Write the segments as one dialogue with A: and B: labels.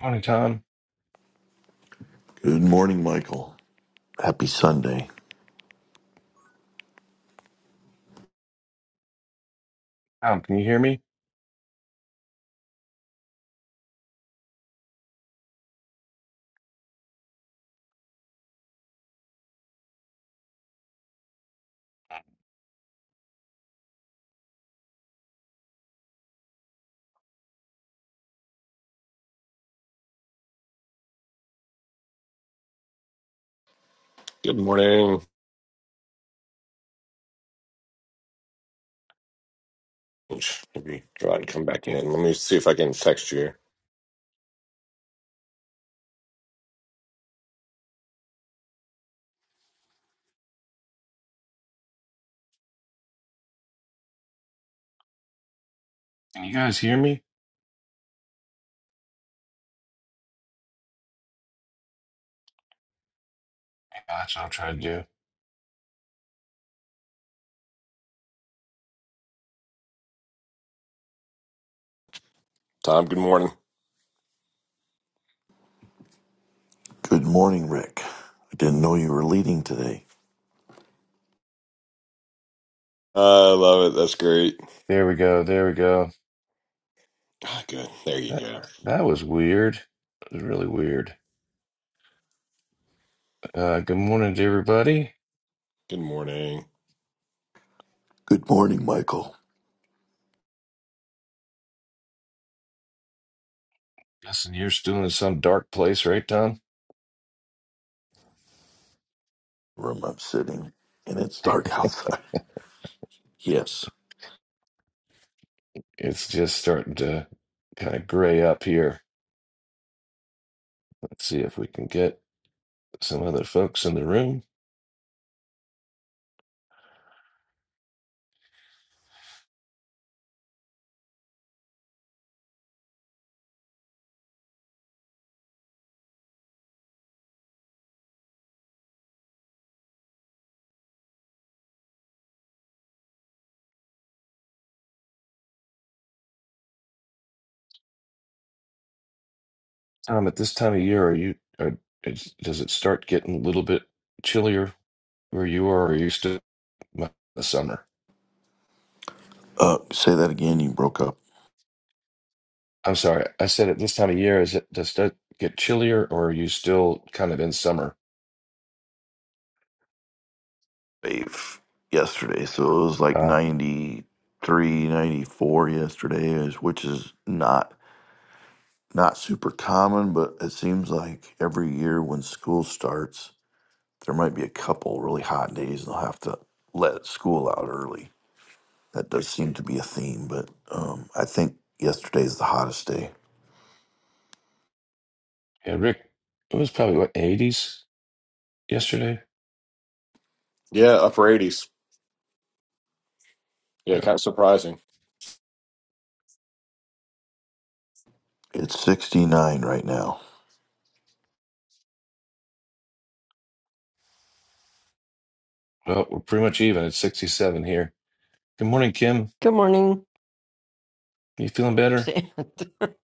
A: Morning, Tom.
B: Good morning, Michael. Happy Sunday.
A: Tom, can you hear me?
C: Good morning. Oops, Maybe go out and come back in. Let me see if I can text you
A: Can you guys hear me? Yeah, That's what I'm trying to do.
C: Tom, good morning.
B: Good morning, Rick. I didn't know you were leading today.
C: I love it. That's great.
A: There we go. There we go.
C: Ah, Good. There you
A: That
C: go.
A: that was weird. It was really weird. Uh, good morning to everybody.
C: Good morning.
B: Good morning, Michael.
A: Guessing you're still in some dark place, right, Tom?
B: Room I'm sitting, and it's dark outside. Yes.
A: It's just starting to kind of gray up here. Let's see if we can get some other folks in the room. Tom, at this time of year, are you? Are, is, does it start getting a little bit chillier where you are, or are you still in the summer?
B: Uh, say that again. You broke up.
A: I'm sorry, I said at this time of year, is it does that get chillier, or are you still kind of in summer?
B: Wave yesterday, so it was like
A: Uh,
B: ninety three, ninety four yesterday, is- which is not not super common, but it seems like every year when school starts, there might be a couple really hot days, and they'll have to let school out early That does seem to be a theme, but um, I think yesterday's the hottest day.
A: yeah, Rick, it was probably what 80s yesterday.
C: Yeah, upper 80s. Yeah,
A: Yeah,
C: kind of surprising.
B: It's 69 right now.
A: well, we're pretty much even. It's 67 here. Good morning, Kim.
D: Good morning,
A: You feeling better?
D: Sand. that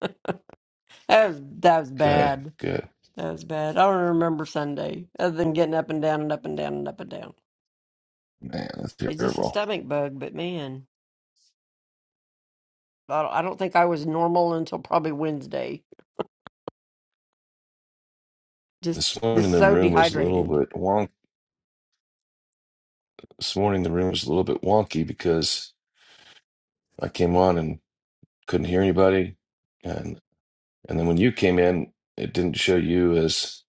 D: was that was
A: Good,
D: bad.
A: good.
D: That was bad. I don't remember Sunday other than getting up and down and up and down and up and down.
A: Man, that's
D: It's just a
A: terrible.
D: stomach bug, but man, I don't, I don't think I was normal until probably Wednesday. Just
A: This morning
D: just
A: the
D: so
A: room was a little
D: dehydrated.
A: bit wonk. This morning the room was a little bit wonky because I came on and couldn't hear anybody, and and then when you came in, it didn't show you as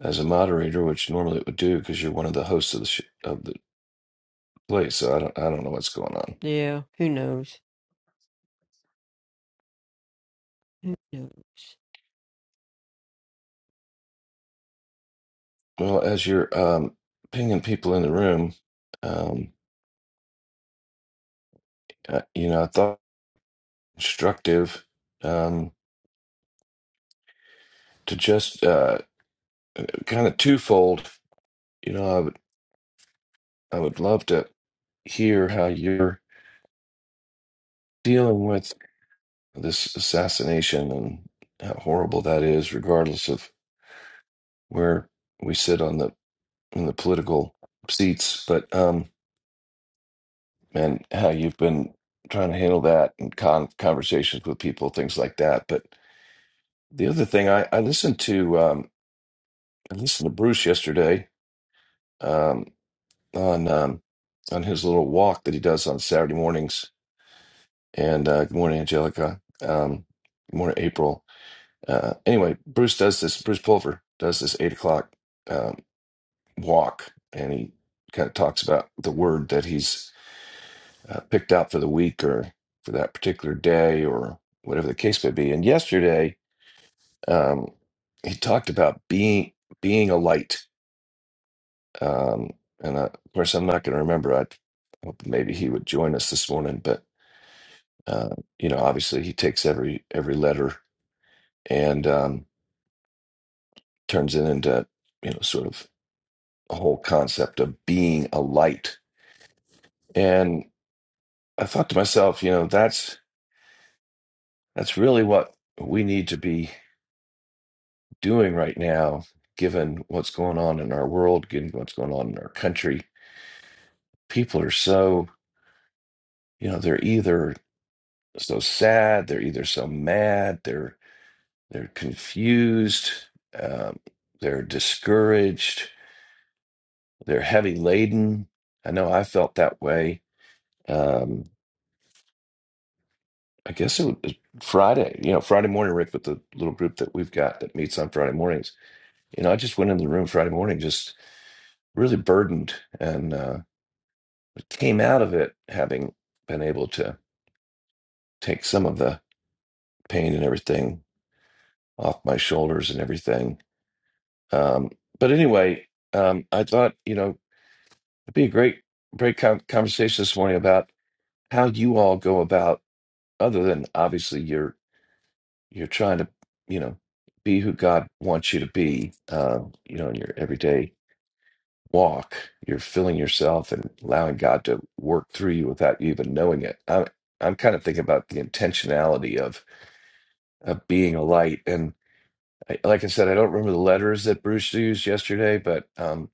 A: as a moderator, which normally it would do because you're one of the hosts of the sh of the place. So I don't I don't know what's going on.
D: Yeah, who knows? Who knows?
A: Well, as you're um, pinging people in the room, um, uh, you know, I thought instructive um, to just uh, kind of twofold. You know, I would I would love to. hear how you're dealing with this assassination and how horrible that is, regardless of where we sit on the in the political seats. But um, and how you've been trying to handle that and con- conversations with people, things like that. But the other thing, I, I listened to um, I listened to Bruce yesterday um, on um, on his little walk that he does on Saturday mornings. And uh, good morning, Angelica. Um, good morning, April Uh, anyway, Bruce does this. Bruce Pulver does this eight o'clock um, walk, and he kind of talks about the word that he's uh, picked out for the week or for that particular day or whatever the case may be. And yesterday, um, he talked about being being a light. Um, and I, of course, I'm not going to remember. I hope maybe he would join us this morning, but uh, you know, obviously, he takes every every letter and um, turns it into you know sort of whole concept of being a light. And I thought to myself, you know, that's that's really what we need to be doing right now, given what's going on in our world, given what's going on in our country. People are so, you know, they're either so sad, they're either so mad, they're they're confused, um, they're discouraged, they're heavy laden. I know I felt that way. Um, I guess it was Friday, you know, Friday morning, Rick, with the little group that we've got that meets on Friday mornings. You know, I just went into the room Friday morning, just really burdened and uh, came out of it having been able to take some of the pain and everything off my shoulders and everything. Um, but anyway, um, I thought, you know, it'd be a great, great con- conversation this morning about how you all go about, other than obviously your you're trying to you know be who god wants you to be um, you know in your everyday walk you're filling yourself and allowing god to work through you without you even knowing it i'm, I'm kind of thinking about the intentionality of of being a light and I, like i said i don't remember the letters that bruce used yesterday but um,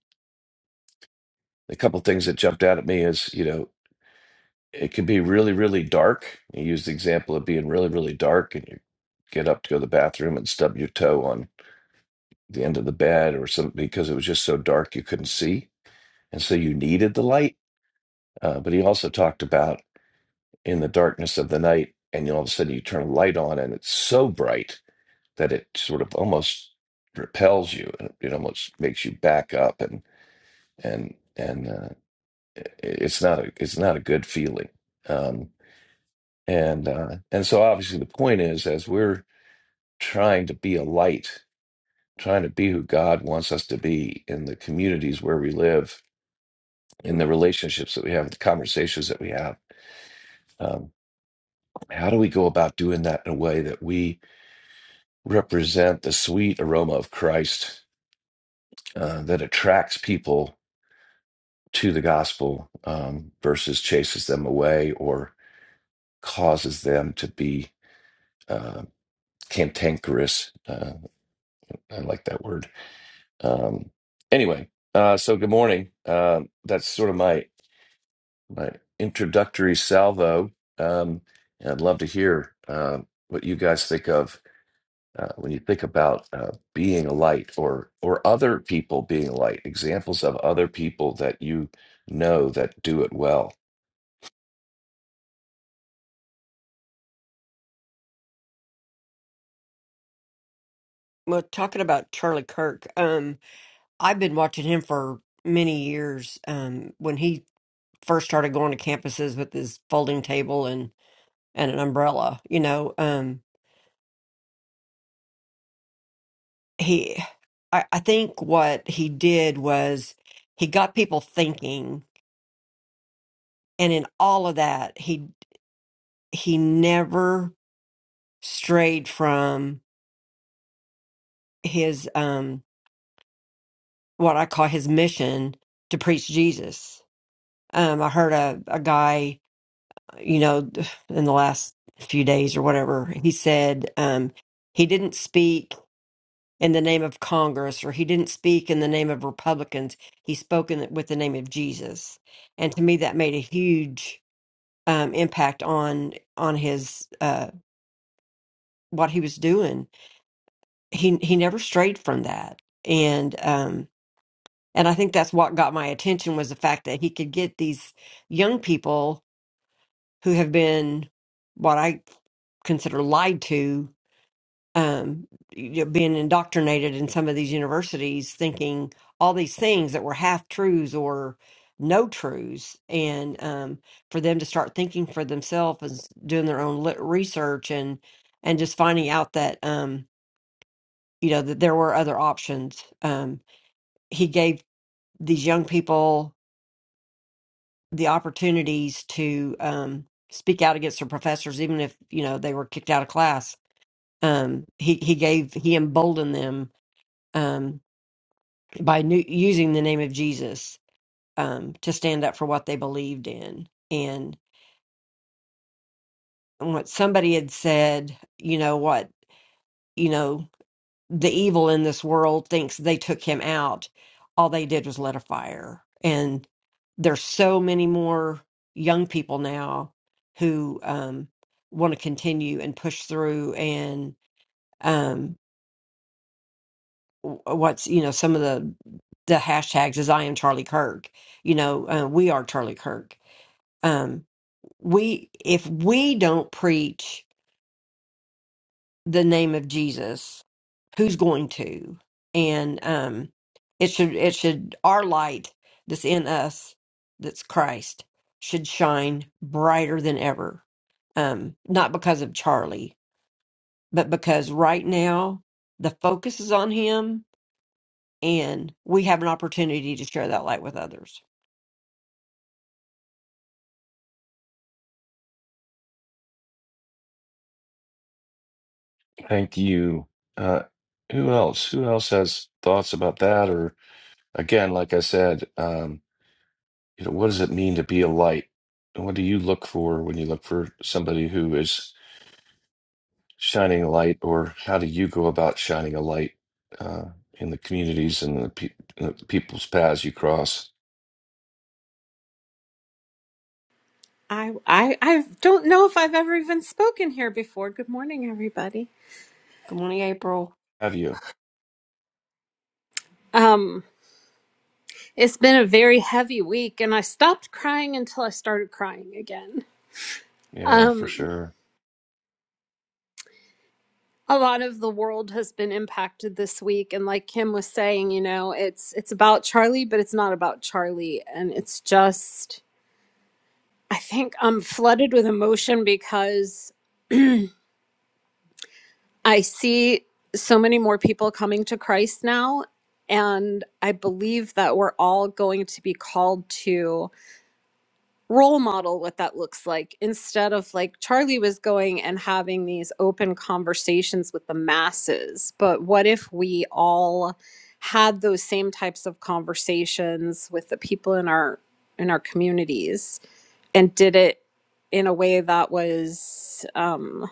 A: a couple things that jumped out at me is you know it can be really really dark you used the example of being really really dark and you get up to go to the bathroom and stub your toe on. the end of the bed or some because it was just so dark you couldn't see and so you needed the light uh, but he also talked about in the darkness of the night and all of a sudden you turn a light on and it's so bright that it sort of almost repels you and it almost makes you back up and and and uh, it- it's not a, it's not a good feeling um, and uh, and so obviously the point is as we're trying to be a light trying to be who God wants us to be in the communities where we live in the relationships that we have, the conversations that we have. Um, how do we go about doing that in a way that we represent the sweet aroma of Christ uh, that attracts people to the gospel um, versus chases them away or causes them to be uh, cantankerous? Uh, I like that word. Um, anyway, uh, so good morning. Um that's sort of my my introductory salvo. Um, and I'd love to hear uh, what you guys think of uh, when you think about uh, being a light or or other people being a light. Examples of other people that you know that do it well.
D: Well, talking about Charlie Kirk, um, I've been watching him for many years. Um, when he first started going to campuses with his folding table and an umbrella. You know, um, he, I, I think what he did was he got people thinking, and in all of that, he he never strayed from his um, what I call his mission to preach Jesus. Um, I heard a, a guy, you know, in the last few days or whatever, he said um, he didn't speak in the name of Congress, or he didn't speak in the name of Republicans. He spoke in, with the name of Jesus, and to me, that made a huge um, impact on on his uh, what he was doing. He he never strayed from that, and um, and I think that's what got my attention was the fact that he could get these young people who have been what I consider lied to um, you know, being indoctrinated in some of these universities, thinking all these things that were half truths or no truths, and um, for them to start thinking for themselves and s- doing their own lit- research and and just finding out that um, you know that there were other options. Um, he gave these young people the opportunities to um, speak out against their professors, even if you know they were kicked out of class. Um, he he gave he emboldened them um, by nu- using the name of Jesus um, to stand up for what they believed in. And what somebody had said, you know, what, you know, the evil in this world thinks they took him out. All they did was let a fire. And there's so many more young people now who um, want to continue and push through. And um, w- what's, you know, some of the, the hashtags is I am Charlie Kirk, you know, uh, we are Charlie Kirk Um, we if we don't preach the name of Jesus, who's going to? And um, it should it should our light that's in us, that's Christ, should shine brighter than ever. Um, not because of Charlie, but because right now the focus is on him, and we have an opportunity to share that light with others.
A: Thank you. Uh, who else? Who else has thoughts about that? Or again, like I said, um, you know, what does it mean to be a light? And What do you look for when you look for somebody who is? shining light, or how do you go about shining a light uh, in the communities and the, pe- the people's paths you cross?
E: I, I I don't know if I've ever even spoken here before. Good morning, everybody.
D: Good morning, April.
A: Have you?
E: Um, it's been a very heavy week, and I stopped crying until I started crying again.
A: Yeah, for
E: Um,
A: sure.
E: a lot of the world has been impacted this week, and like Kim was saying, you know, it's it's about Charlie, but it's not about Charlie, and it's just I think I'm flooded with emotion because I see so many more people coming to Christ now. And I believe that we're all going to be called to role model what that looks like instead of like Charlie was going and having these open conversations with the masses. But what if we all had those same types of conversations with the people in our in our communities and did it in a way that was um,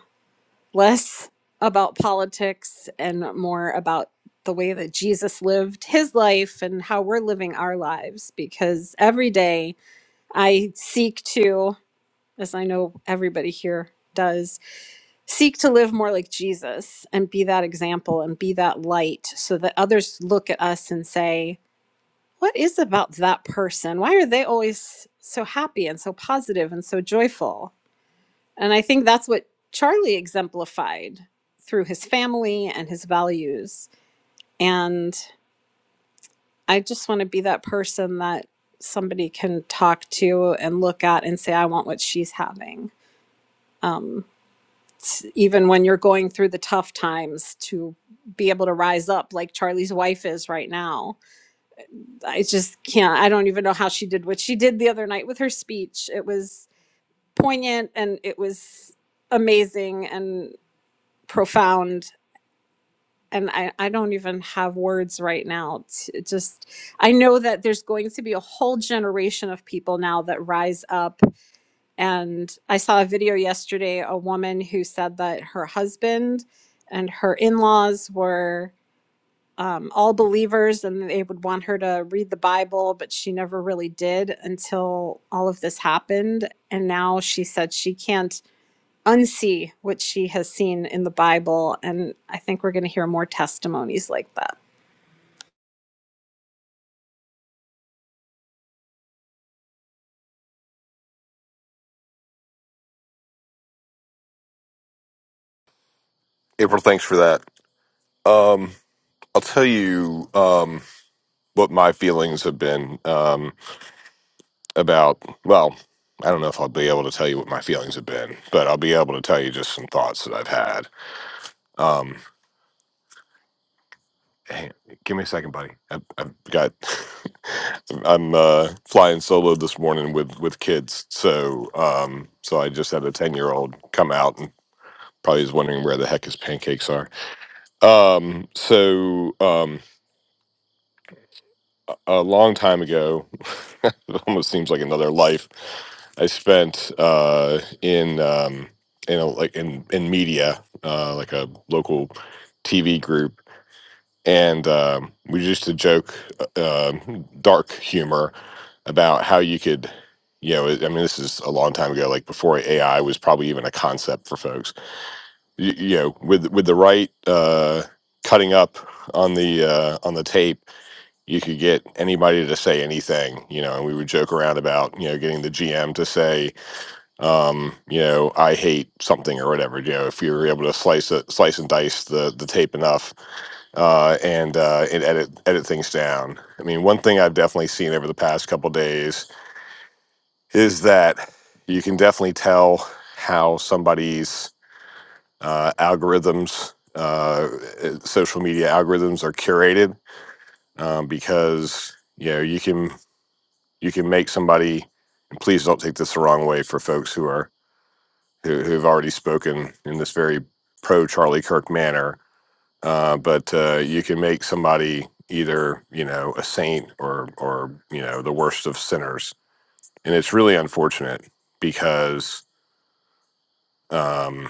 E: less about politics and more about the way that Jesus lived his life and how we're living our lives. Because every day I seek to, as I know everybody here does, seek to live more like Jesus and be that example and be that light so that others look at us and say, What is about that person? Why are they always so happy and so positive and so joyful? And I think that's what Charlie exemplified through his family and his values. And I just want to be that person that somebody can talk to and look at and say, I want what she's having. Um, even when you're going through the tough times to be able to rise up like Charlie's wife is right now. I just can't, I don't even know how she did what she did the other night with her speech. It was poignant and it was amazing and profound and I, I don't even have words right now to just i know that there's going to be a whole generation of people now that rise up and i saw a video yesterday a woman who said that her husband and her in-laws were um, all believers and they would want her to read the bible but she never really did until all of this happened and now she said she can't unsee what she has seen in the bible and i think we're going to hear more testimonies like that
C: April, thanks for that. Um, I'll tell you um, what my feelings have been um, about, well, I don't know if I'll be able to tell you what my feelings have been, but I'll be able to tell you just some thoughts that I've had. Um, Hey, give me a second, buddy. I've, I've got. I'm uh, flying solo this morning with with kids, so um, so I just had a ten year old come out and probably is wondering where the heck his pancakes are. Um, so um, a long time ago, it almost seems like another life. I spent uh, in um, in a, like in in media, uh, like a local TV group and um, we used to joke uh, um, dark humor about how you could you know i mean this is a long time ago like before ai was probably even a concept for folks you, you know with with the right uh, cutting up on the uh, on the tape you could get anybody to say anything you know and we would joke around about you know getting the gm to say um you know i hate something or whatever you know if you're able to slice it slice and dice the the tape enough uh and uh and edit edit things down i mean one thing i've definitely seen over the past couple days is that you can definitely tell how somebody's uh algorithms uh uh, social media algorithms are curated um because you know you can you can make somebody and please don't take this the wrong way for folks who are who, who've already spoken in this very pro Charlie Kirk manner. Uh, but uh, you can make somebody either you know a saint or or you know the worst of sinners, and it's really unfortunate because um,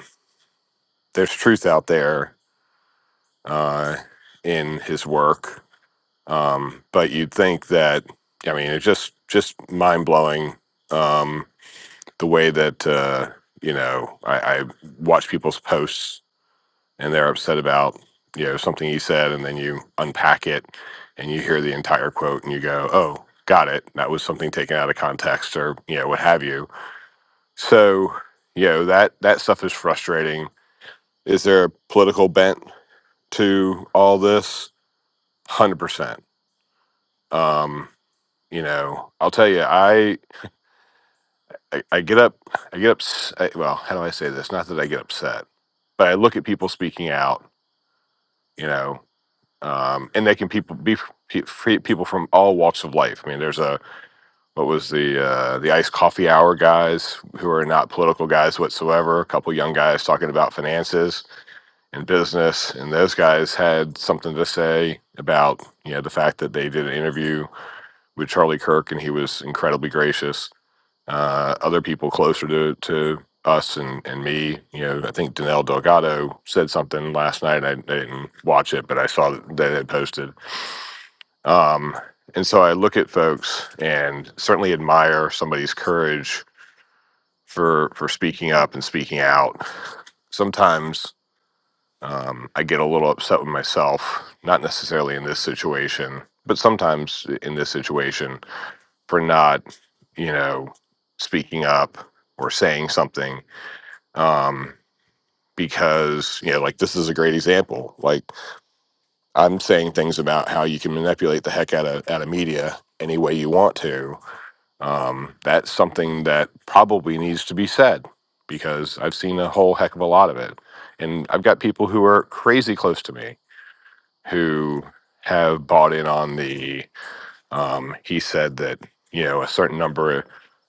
C: there's truth out there uh, in his work. Um, but you'd think that I mean it's just just mind blowing um, the way that uh, you know I, I watch people's posts and they're upset about you know something he said and then you unpack it and you hear the entire quote and you go oh got it that was something taken out of context or you know what have you so you know that that stuff is frustrating is there a political bent to all this 100% um you know i'll tell you i i, I get up i get up I, well how do i say this not that i get upset but i look at people speaking out you know um, and they can people be pe- people from all walks of life. I mean, there's a what was the uh, the iced coffee hour guys who are not political guys whatsoever. A couple young guys talking about finances and business, and those guys had something to say about you know the fact that they did an interview with Charlie Kirk, and he was incredibly gracious. Uh, other people closer to to us and, and me, you know, I think Danelle Delgado said something last night. I, I didn't watch it, but I saw that they had posted um, and so I look at folks and certainly admire somebody's courage for for speaking up and speaking out. Sometimes um, I get a little upset with myself, not necessarily in this situation, but sometimes in this situation for not, you know, speaking up or saying something. Um, because you know, like this is a great example. Like I'm saying things about how you can manipulate the heck out of out of media any way you want to, Um, that's something that probably needs to be said because I've seen a whole heck of a lot of it. And I've got people who are crazy close to me who have bought in on the, um, he said that, you know, a certain number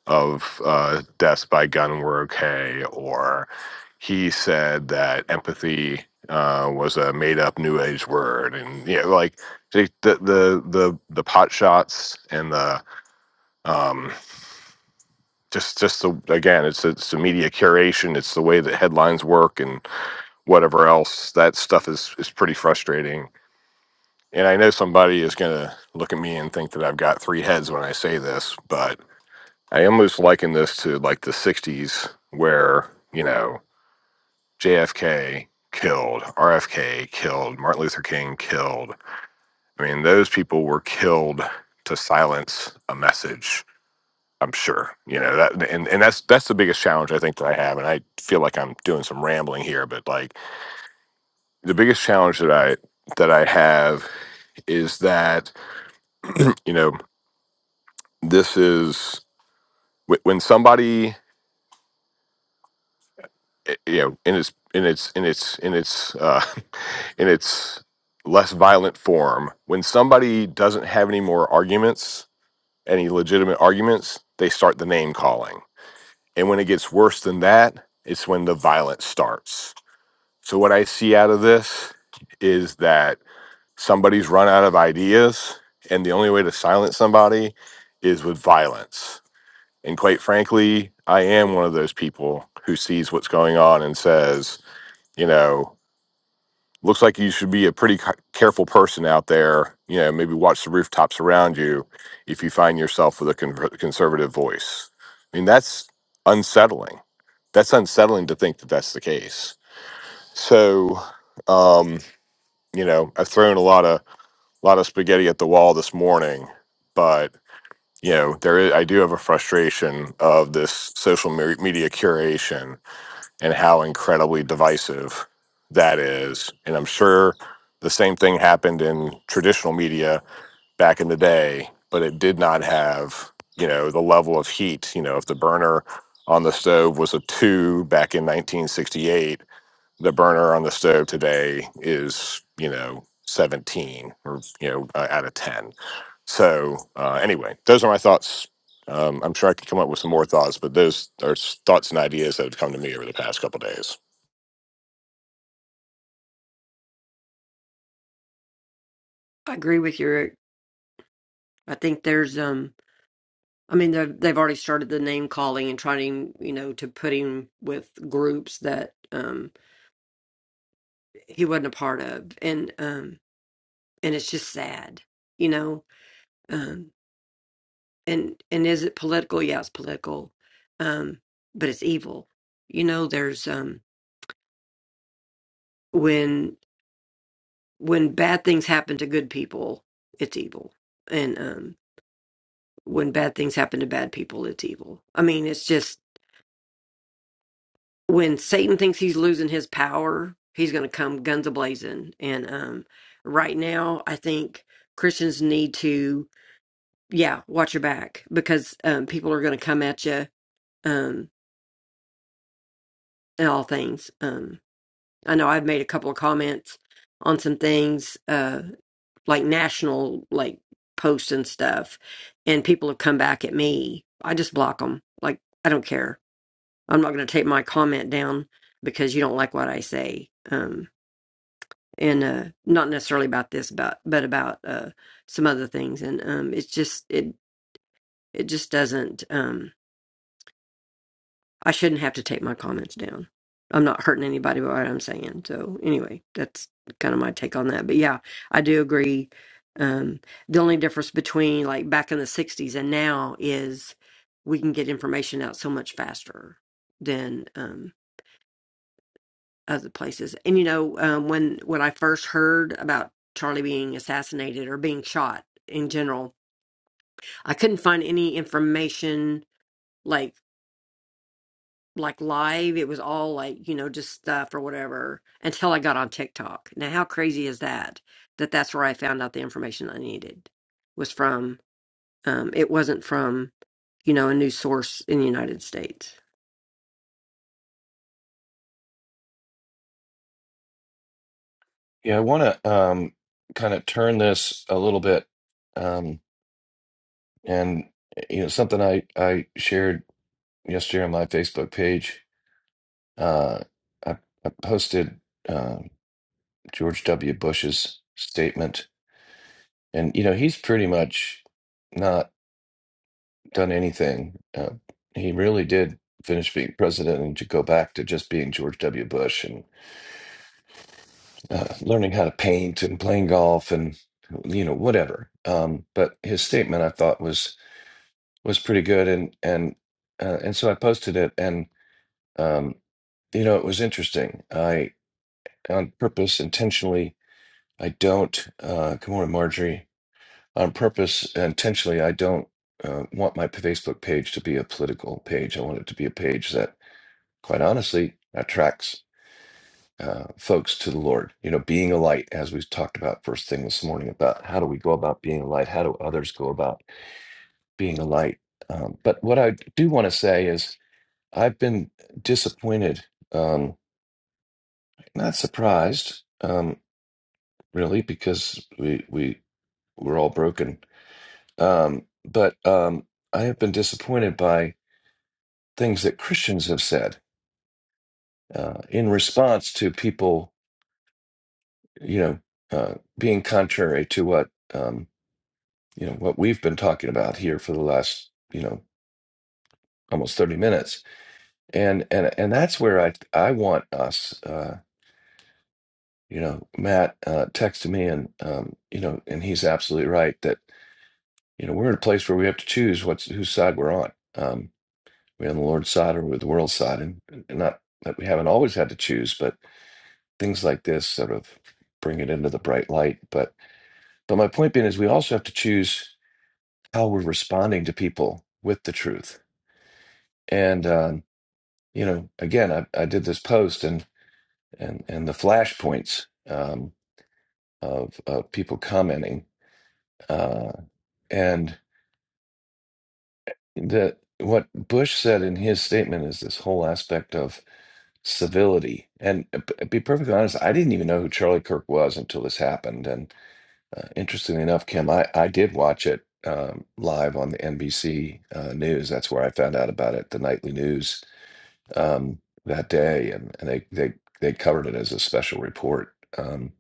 C: of uh, deaths by gun were okay, or he said that empathy uh, was a made up new age word. And, you know, like the, the, the, the pot shots and the, um, just just the again it's it's the media curation it's the way that headlines work and whatever else that stuff is is pretty frustrating and i know somebody is going to look at me and think that i've got three heads when i say this but i almost liken this to like the 60s where you know jfk killed rfk killed martin luther king killed i mean those people were killed to silence a message I'm sure you know that, and and that's that's the biggest challenge I think that I have, and I feel like I'm doing some rambling here, but like the biggest challenge that I that I have is that you know this is wh- when somebody eh, you know in its in its in its in its uh, in its less violent form when somebody doesn't have any more arguments any legitimate arguments they start the name calling and when it gets worse than that it's when the violence starts So what I see out of this is that somebody's run out of ideas, and the only way to silence somebody is with violence. And quite frankly, I am one of those people who sees what's going on and says, you know, looks like you should be a pretty ca- careful person out there. You know, maybe watch the rooftops around you if you find yourself with a con- conservative voice. I mean, that's unsettling. That's unsettling to think that that's the case. So, um, you know, I've thrown a lot of lot of spaghetti at the wall this morning, but you know, there is, I do have a frustration of this social me- media curation and how incredibly divisive that is. And I'm sure the same thing happened in traditional media back in the day, but it did not have, you know, the level of heat. You know, if the burner on the stove was a two back in 1968, the burner on the stove today is you know 17 or you know uh, out of 10 so uh, anyway those are my thoughts um, i'm sure i could come up with some more thoughts but those are s- thoughts and ideas that have come to me over the past couple days
D: I agree with you, Rick. I think there's um I mean, they've they've already started the name calling and trying, you know, to put him with groups that um, he wasn't a part of, and um, and it's just sad, you know. Um, and and is it political? Yeah, it's political, um, but it's evil. You know, there's um, when when bad things happen to good people, it's evil, and um, when bad things happen to bad people, it's evil. I mean, it's just when Satan thinks he's losing his power, he's going to come guns a blazing. And um, right now, I think Christians need to, yeah, watch your back because um, people are going to come at you um, in all things. Um, I know I've made a couple of comments on some things, uh, like national, like posts and stuff, and people have come back at me. I just block them. Like I don't care. I'm not going to take my comment down because you don't like what I say. Um, and uh not necessarily about this about but about uh some other things and um it's just it it just doesn't um I shouldn't have to take my comments down. I'm not hurting anybody by what I'm saying. So anyway, that's kind of my take on that. But yeah, I do agree. Um the only difference between like back in the 60s and now is we can get information out so much faster than um other places. And you know, um, when when I first heard about Charlie being assassinated or being shot in general, I couldn't find any information like like live. It was all like you know just stuff or whatever until I got on TikTok. Now, how crazy is that? That that's where I found out the information I needed was from. Um, it wasn't from you know a news source in the United States.
A: Yeah, I want to um, kind of turn this a little bit, um, and you know, something I I shared yesterday on my Facebook page. Uh, I, I posted um George W. Bush's statement, and you know, he's pretty much not. done anything. Uh, he really did finish being president and to go back to just being George W. Bush and uh, learning how to paint and playing golf and you know whatever. Um, but his statement I thought was was pretty good and and uh, and so I posted it and um, you know it was interesting. I on purpose intentionally I don't. Uh, good morning, Marjorie. On purpose intentionally I don't. Uh, want my Facebook page to be a political page. I want it to be a page that quite honestly, attracts uh, folks to the Lord. You know, being a light, as we talked about first thing this morning, about how do we go about being a light? How do others go about being a light? Um, but what I do want to say is, I've been disappointed, um, not surprised, um, really, because we we we're all broken. Um, but um, I have been disappointed by things that Christians have said uh, in response to people you know, uh, being contrary to what um, you know what we've been talking about here for the last you know almost thirty minutes, and and and that's where I I want us, uh, you know, Matt uh, texted me and um, you know, and he's absolutely right that you know we're in a place where we have to choose what's whose side we're on. Um, we're on the Lord's side or we're the world's side, and, and not that we haven't always had to choose, but things like this sort of bring it into the bright light. But but my point being is we also have to choose how we're responding to people with the truth. And um, you know, again, I, I did this post and and and the flashpoints um, of of people commenting, uh, and the what Bush said in his statement is this whole aspect of civility. And uh, b- be perfectly honest, I didn't even know who Charlie Kirk was until this happened. And uh, interestingly enough, Kim, I I did watch it. Um, live on the NBC uh, news. That's where I found out about it, the nightly news um, that day, and, and they they they covered it as a special report. Um,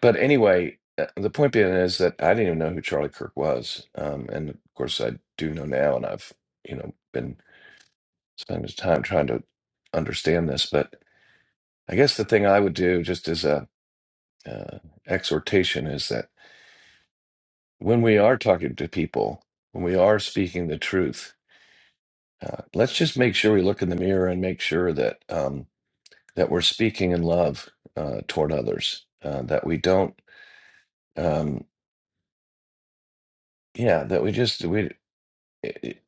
A: but anyway, uh, the point being is that I didn't even know who Charlie Kirk was, um, and of course I do know now, and I've you know been spending time trying to understand this. But I guess the thing I would do, just as a uh, exhortation, is that when we are talking to people, when we are speaking the truth, uh, let's just make sure we look in the mirror and make sure that. Um, that we're speaking in love uh, toward others. Uh, that we don't, um, yeah, that we just we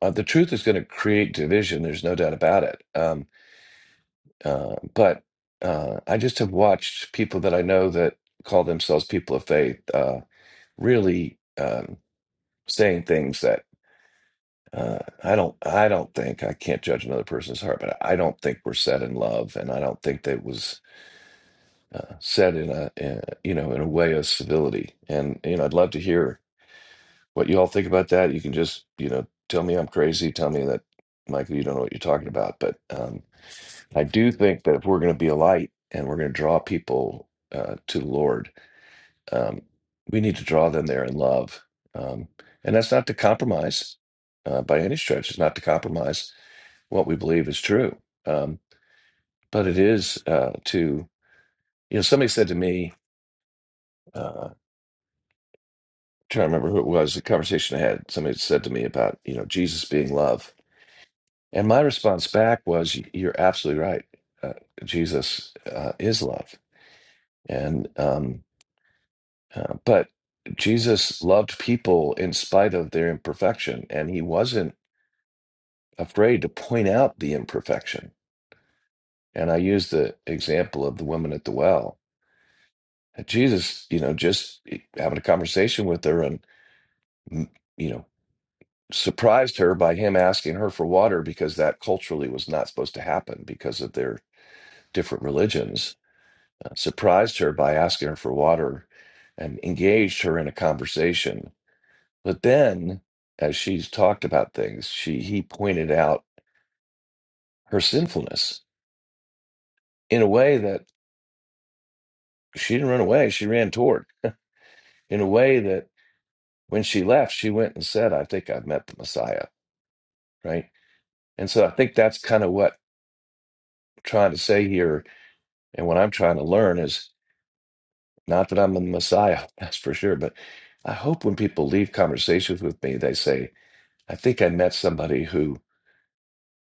A: uh, the truth is going to create division. There's no doubt about it. Um, uh, but uh, I just have watched people that I know that call themselves people of faith uh, really um, saying things that uh, I don't. I don't think I can't judge another person's heart, but I don't think we're set in love, and I don't think that was uh, said in a in, you know in a way of civility. And you know, I'd love to hear what you all think about that. You can just you know tell me I'm crazy, tell me that Michael, you don't know what you're talking about. But um, I do think that if we're going to be a light and we're going to draw people uh, to the Lord, um, we need to draw them there in love. Um, and that's not to compromise uh, by any stretch. It's not to compromise what we believe is true. Um, but it is uh, to, you know, somebody said to me, uh, trying to remember who it was, the conversation I had, somebody had said to me about, you know, Jesus being love. And my response back was, "Y- you're absolutely right. Uh, Jesus uh, is love. And, um, uh, but Jesus loved people in spite of their imperfection, and he wasn't afraid to point out the imperfection. And I used the example of the woman at the well. And Jesus, you know, just eh, having a conversation with her and, you know, surprised her by him asking her for water because that culturally was not supposed to happen because of their different religions. Uh, surprised her by asking her for water and engaged her in a conversation. But then, as she's talked about things, she he pointed out her sinfulness in a way that she didn't run away; she ran toward. In a way that when she left, she went and said, "I think I've met the Messiah." Right, and so I think that's kind of what I'm trying to say here, and what I'm trying to learn is Not that I'm a messiah, that's for sure, but I hope when people leave conversations with me, they say, I think I met somebody who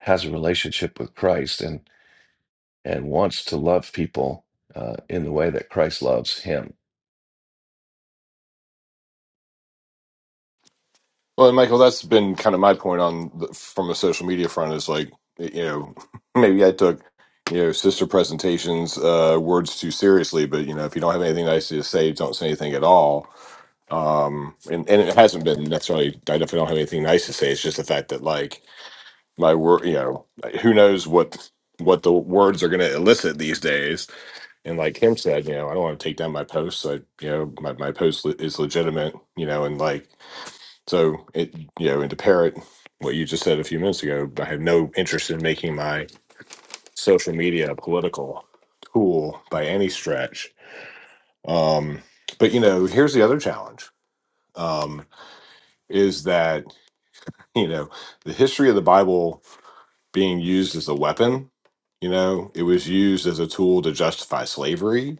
A: has a relationship with Christ and, and wants to love people uh, in the way that Christ loves him.
C: Well, and Michael, that's been kind of my point on the, from the social media front is like, you know, maybe I took, you know, sister presentations uh, words too seriously, but you know, if you don't have anything nice to say, don't say anything at all. um and, and it hasn't been necessarily i definitely don't have anything nice to say it's just the fact that like my word you know like, who knows what what the words are going to elicit these days and like him said you know i don't want to take down my post so you know my, my post le- is legitimate you know and like so it you know and to parrot what you just said a few minutes ago i have no interest in making my social media a political tool by any stretch um but you know here's the other challenge um is that you know the history of the bible being used as a weapon you know it was used as a tool to justify slavery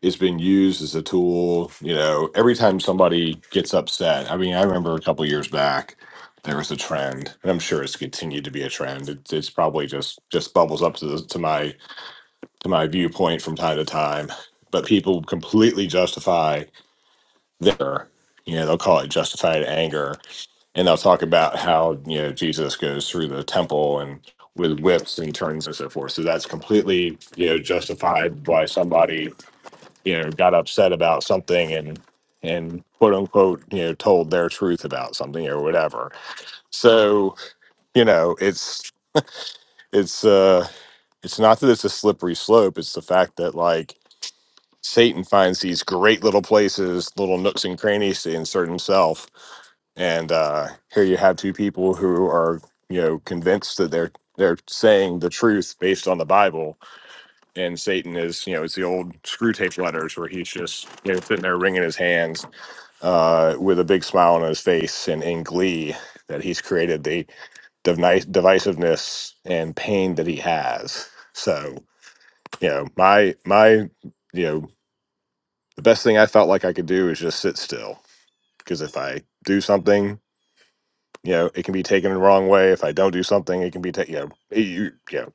C: it's been used as a tool you know every time somebody gets upset i mean i remember a couple years back there was a trend and i'm sure it's continued to be a trend it, it's probably just just bubbles up to, the, to my to my viewpoint from time to time but people completely justify their you know they'll call it justified anger and they'll talk about how you know Jesus goes through the temple and with whips and turns and so forth. So that's completely you know justified why somebody you know got upset about something and and quote unquote you know told their truth about something or whatever. So you know it's it's uh it's not that it's a slippery slope. It's the fact that like Satan finds these great little places, little nooks and crannies to insert himself. And uh, here you have two people who are, you know, convinced that they're they're saying the truth based on the Bible, and Satan is, you know, it's the old screw tape letters where he's just you know sitting there wringing his hands uh, with a big smile on his face and in glee that he's created the devi- divisiveness and pain that he has. So, you know, my my you know the best thing I felt like I could do is just sit still. Because if I do something, you know, it can be taken the wrong way. If I don't do something, it can be taken, you know, it, you, you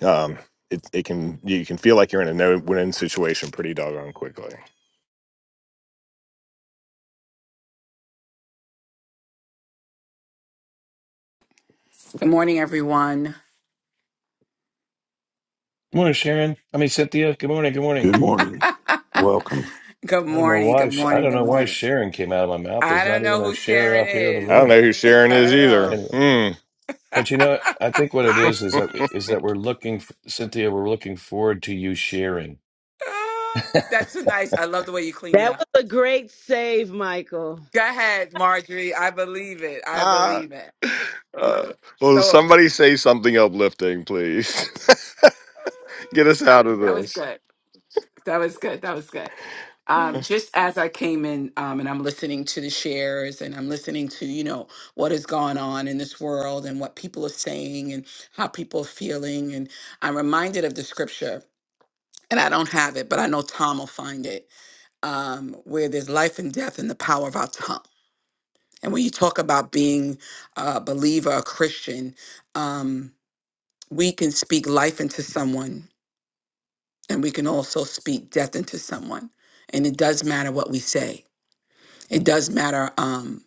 C: know, um, it, it can, you can feel like you're in a no win situation pretty doggone quickly.
F: Good morning, everyone.
A: Good morning, Sharon. I mean, Cynthia. Good morning. Good morning.
B: Good morning. Welcome.
F: good
A: I don't know
F: morning,
A: why.
F: good
A: Sh- I
F: morning,
A: don't
F: good
A: know why
F: morning.
A: Sharon came out of my mouth.
F: I
A: There's
F: don't
A: not
F: know
A: even a
F: who
A: Sharon
F: Sharon
A: up here in the
C: I
F: is.
C: don't
A: room.
C: know who Sharon
F: I
C: is
F: don't
C: either.
F: know.
A: Anyway,
C: Hmm.
A: but you know, I think what it
F: Ah,
A: is is that is that we're looking, f Cynthia. We're looking forward to you sharing.
F: ah, that's a nice. I love the way you cleaned it
G: That
F: up.
G: was a great save, Michael.
F: Go ahead, Marjorie. I believe it. I
C: Ah.
F: believe it.
C: Uh, will
F: So
C: somebody say something uplifting, please? Get us out of
F: that was
C: this.
F: good. That was good. That was good. Um, just as I came in, um, and I'm listening to the shares, and I'm listening to you know what has gone on in this world, and what people are saying, and how people are feeling, and I'm reminded of the scripture, and I don't have it, but I know Tom will find it, um, where there's life and death in the power of our tongue. And when you talk about being a believer, a Christian, um, we can speak life into someone and we can also speak death into someone. And it does matter what we say. It does matter. Um,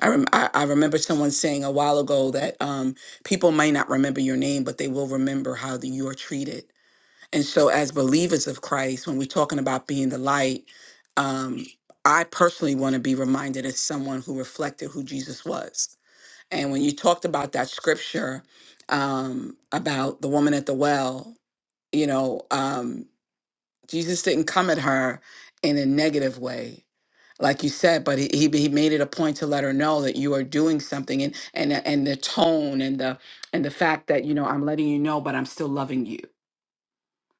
F: I, rem- I I remember someone saying a while ago that um, people may not remember your name, but they will remember how the, you are treated. And so, as believers of Christ, when we're talking about being the light, um, I personally want to be reminded as someone who reflected who Jesus was. And when you talked about that scripture um, about the woman at the well, you know. Um, Jesus didn't come at her in a negative way, like you said, but he, he he made it a point to let her know that you are doing something, and and and the tone and the and the fact that you know I'm letting you know, but I'm still loving you.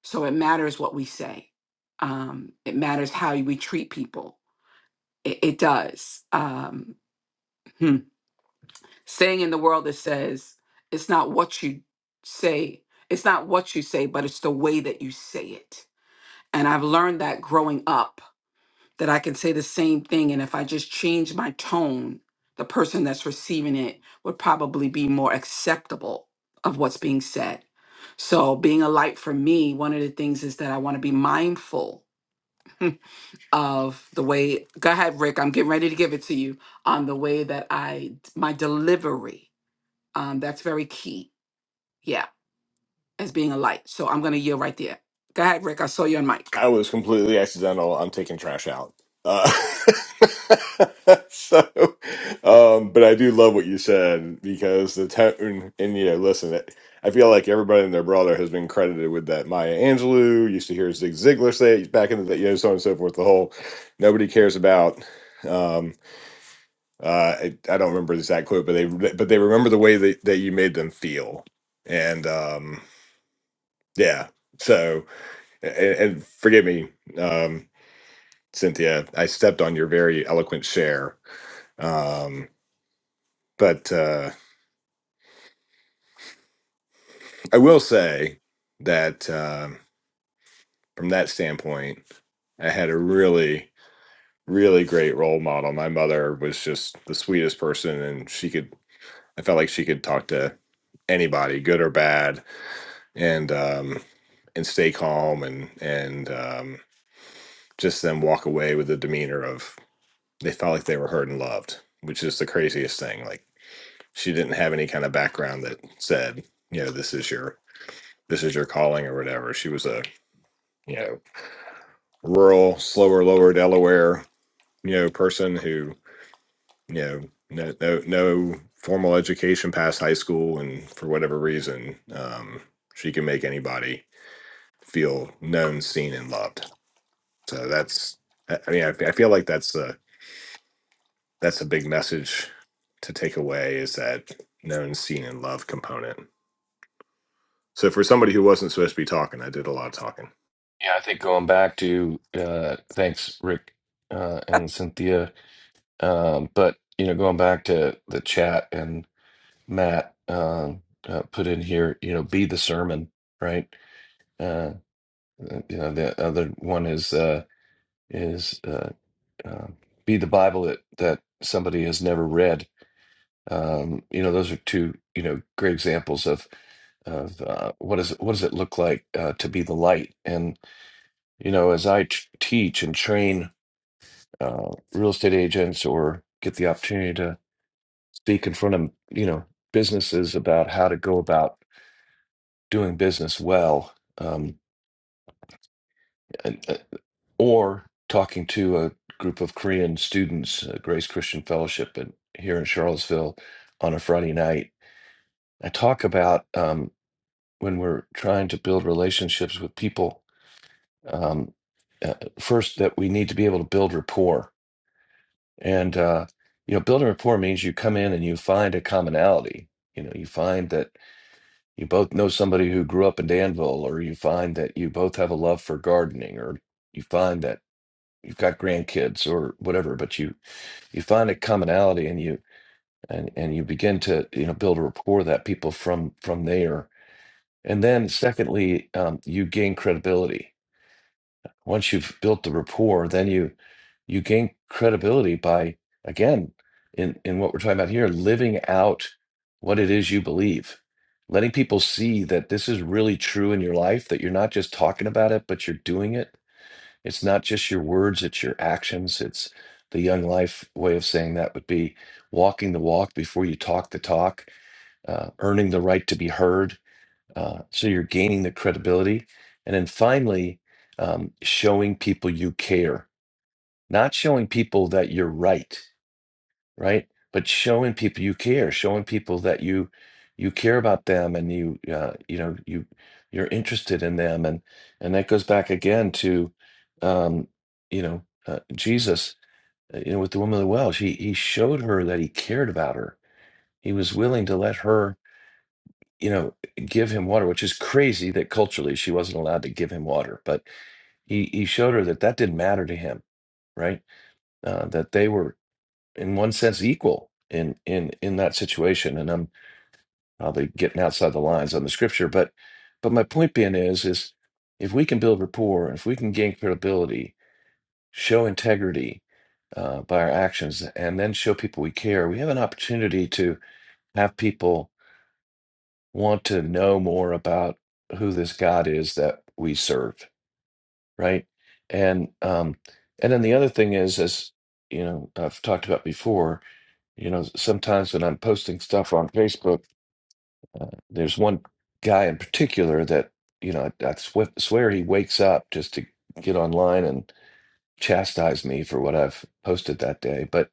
F: So it matters what we say. Um, it matters how we treat people. It, it does. Um, hmm. Saying in the world that says it's not what you say, it's not what you say, but it's the way that you say it. And I've learned that growing up that I can say the same thing. And if I just change my tone, the person that's receiving it would probably be more acceptable of what's being said. So, being a light for me, one of the things is that I want to be mindful of the way, go ahead, Rick, I'm getting ready to give it to you on the way that I, my delivery. Um, that's very key. Yeah, as being a light. So, I'm going to yield right there. Go ahead, Rick. I saw your mic.
C: I was completely accidental. I'm taking trash out. Uh, so, um, but I do love what you said because the tone and you know, listen, it, I feel like everybody and their brother has been credited with that. Maya Angelou used to hear Zig Ziglar say it back in the day, you know, so on and so forth. The whole nobody cares about. Um, uh, I, I don't remember the exact quote, but they but they remember the way that, that you made them feel, and um, yeah. So and, and forgive me. Um, Cynthia. I stepped on your very eloquent share. Um, but uh, I will say that um, from that standpoint, I had a really, really great role model. My mother was just the sweetest person, and she could, I felt like she could talk to anybody, good or bad, and, um, and stay calm and, and um, just then walk away with the demeanor of they felt like they were heard and loved, which is the craziest thing. Like, she didn't have any kind of background that said, you know, this is your this is your calling or whatever. She was a, you know, rural, slower, lower Delaware, you know, person who, you know, no no, no formal education past high school and for whatever reason, um, she can make anybody feel known, seen and loved. So that's I mean, I, I feel like that's a that's a big message to take away is that known, seen and loved component So for somebody who wasn't supposed to be talking, I did a lot of talking.
A: Yeah, I think going back to uh, thanks, Rick uh, and Cynthia. Um, but you know, going back to the chat and Matt um, uh, put in here, you know, be the sermon, right? Uh, uh, you know, the other one is uh, is uh, uh, be the Bible that that somebody has never read. Um, you know, those are two you know great examples of of uh, what is what does it look like uh, to be the light and you know as i t- teach and train uh, real estate agents or get the opportunity to speak in front of you know businesses about how to go about doing business well, um, and, uh, or talking to a group of Korean students, uh, Grace Christian Fellowship, in, here in Charlottesville on a Friday night. I talk about um, when we're trying to build relationships with people. Um, uh, first, that we need to be able to build rapport And uh, you know, building rapport means you come in and you find a commonality. You know, you find that you both know somebody who grew up in Danville, or you find that you both have a love for gardening, or you find that you've got grandkids or whatever, but you you find a commonality and you and and you begin to, you know, build a rapport that people from from there. And then secondly, um, you gain credibility Once you've built the rapport, then you you gain credibility by again in in what we're talking about here, living out what it is you believe. Letting people see that this is really true in your life, that you're not just talking about it, but you're doing it. It's not just your words, it's your actions. It's the young life way of saying that would be walking the walk before you talk the talk, uh, earning the right to be heard uh, so you're gaining the credibility. And then finally, um, showing people you care, not showing people that you're right, right? But showing people you care, showing people that you you care about them and you uh, you know you you're interested in them and and that goes back again to um, you know uh, Jesus uh, you know with the woman of the well she he showed her that he cared about her he was willing to let her you know, give him water, which is crazy that culturally she wasn't allowed to give him water. But he, he showed her that that didn't matter to him, right? Uh, that they were, in one sense, equal in in in that situation. And I'm probably getting outside the lines on the scripture, but but my point being is is if we can build rapport, if we can gain credibility, show integrity uh, by our actions, and then show people we care, we have an opportunity to have people want to know more about who this God is that we serve, right? And um, and then the other thing is, as you know, I've talked about before. You know, sometimes when I'm posting stuff on Facebook, uh, there's one guy in particular that you know I, I swe- swear he wakes up just to get online and chastise me for what I've posted that day. But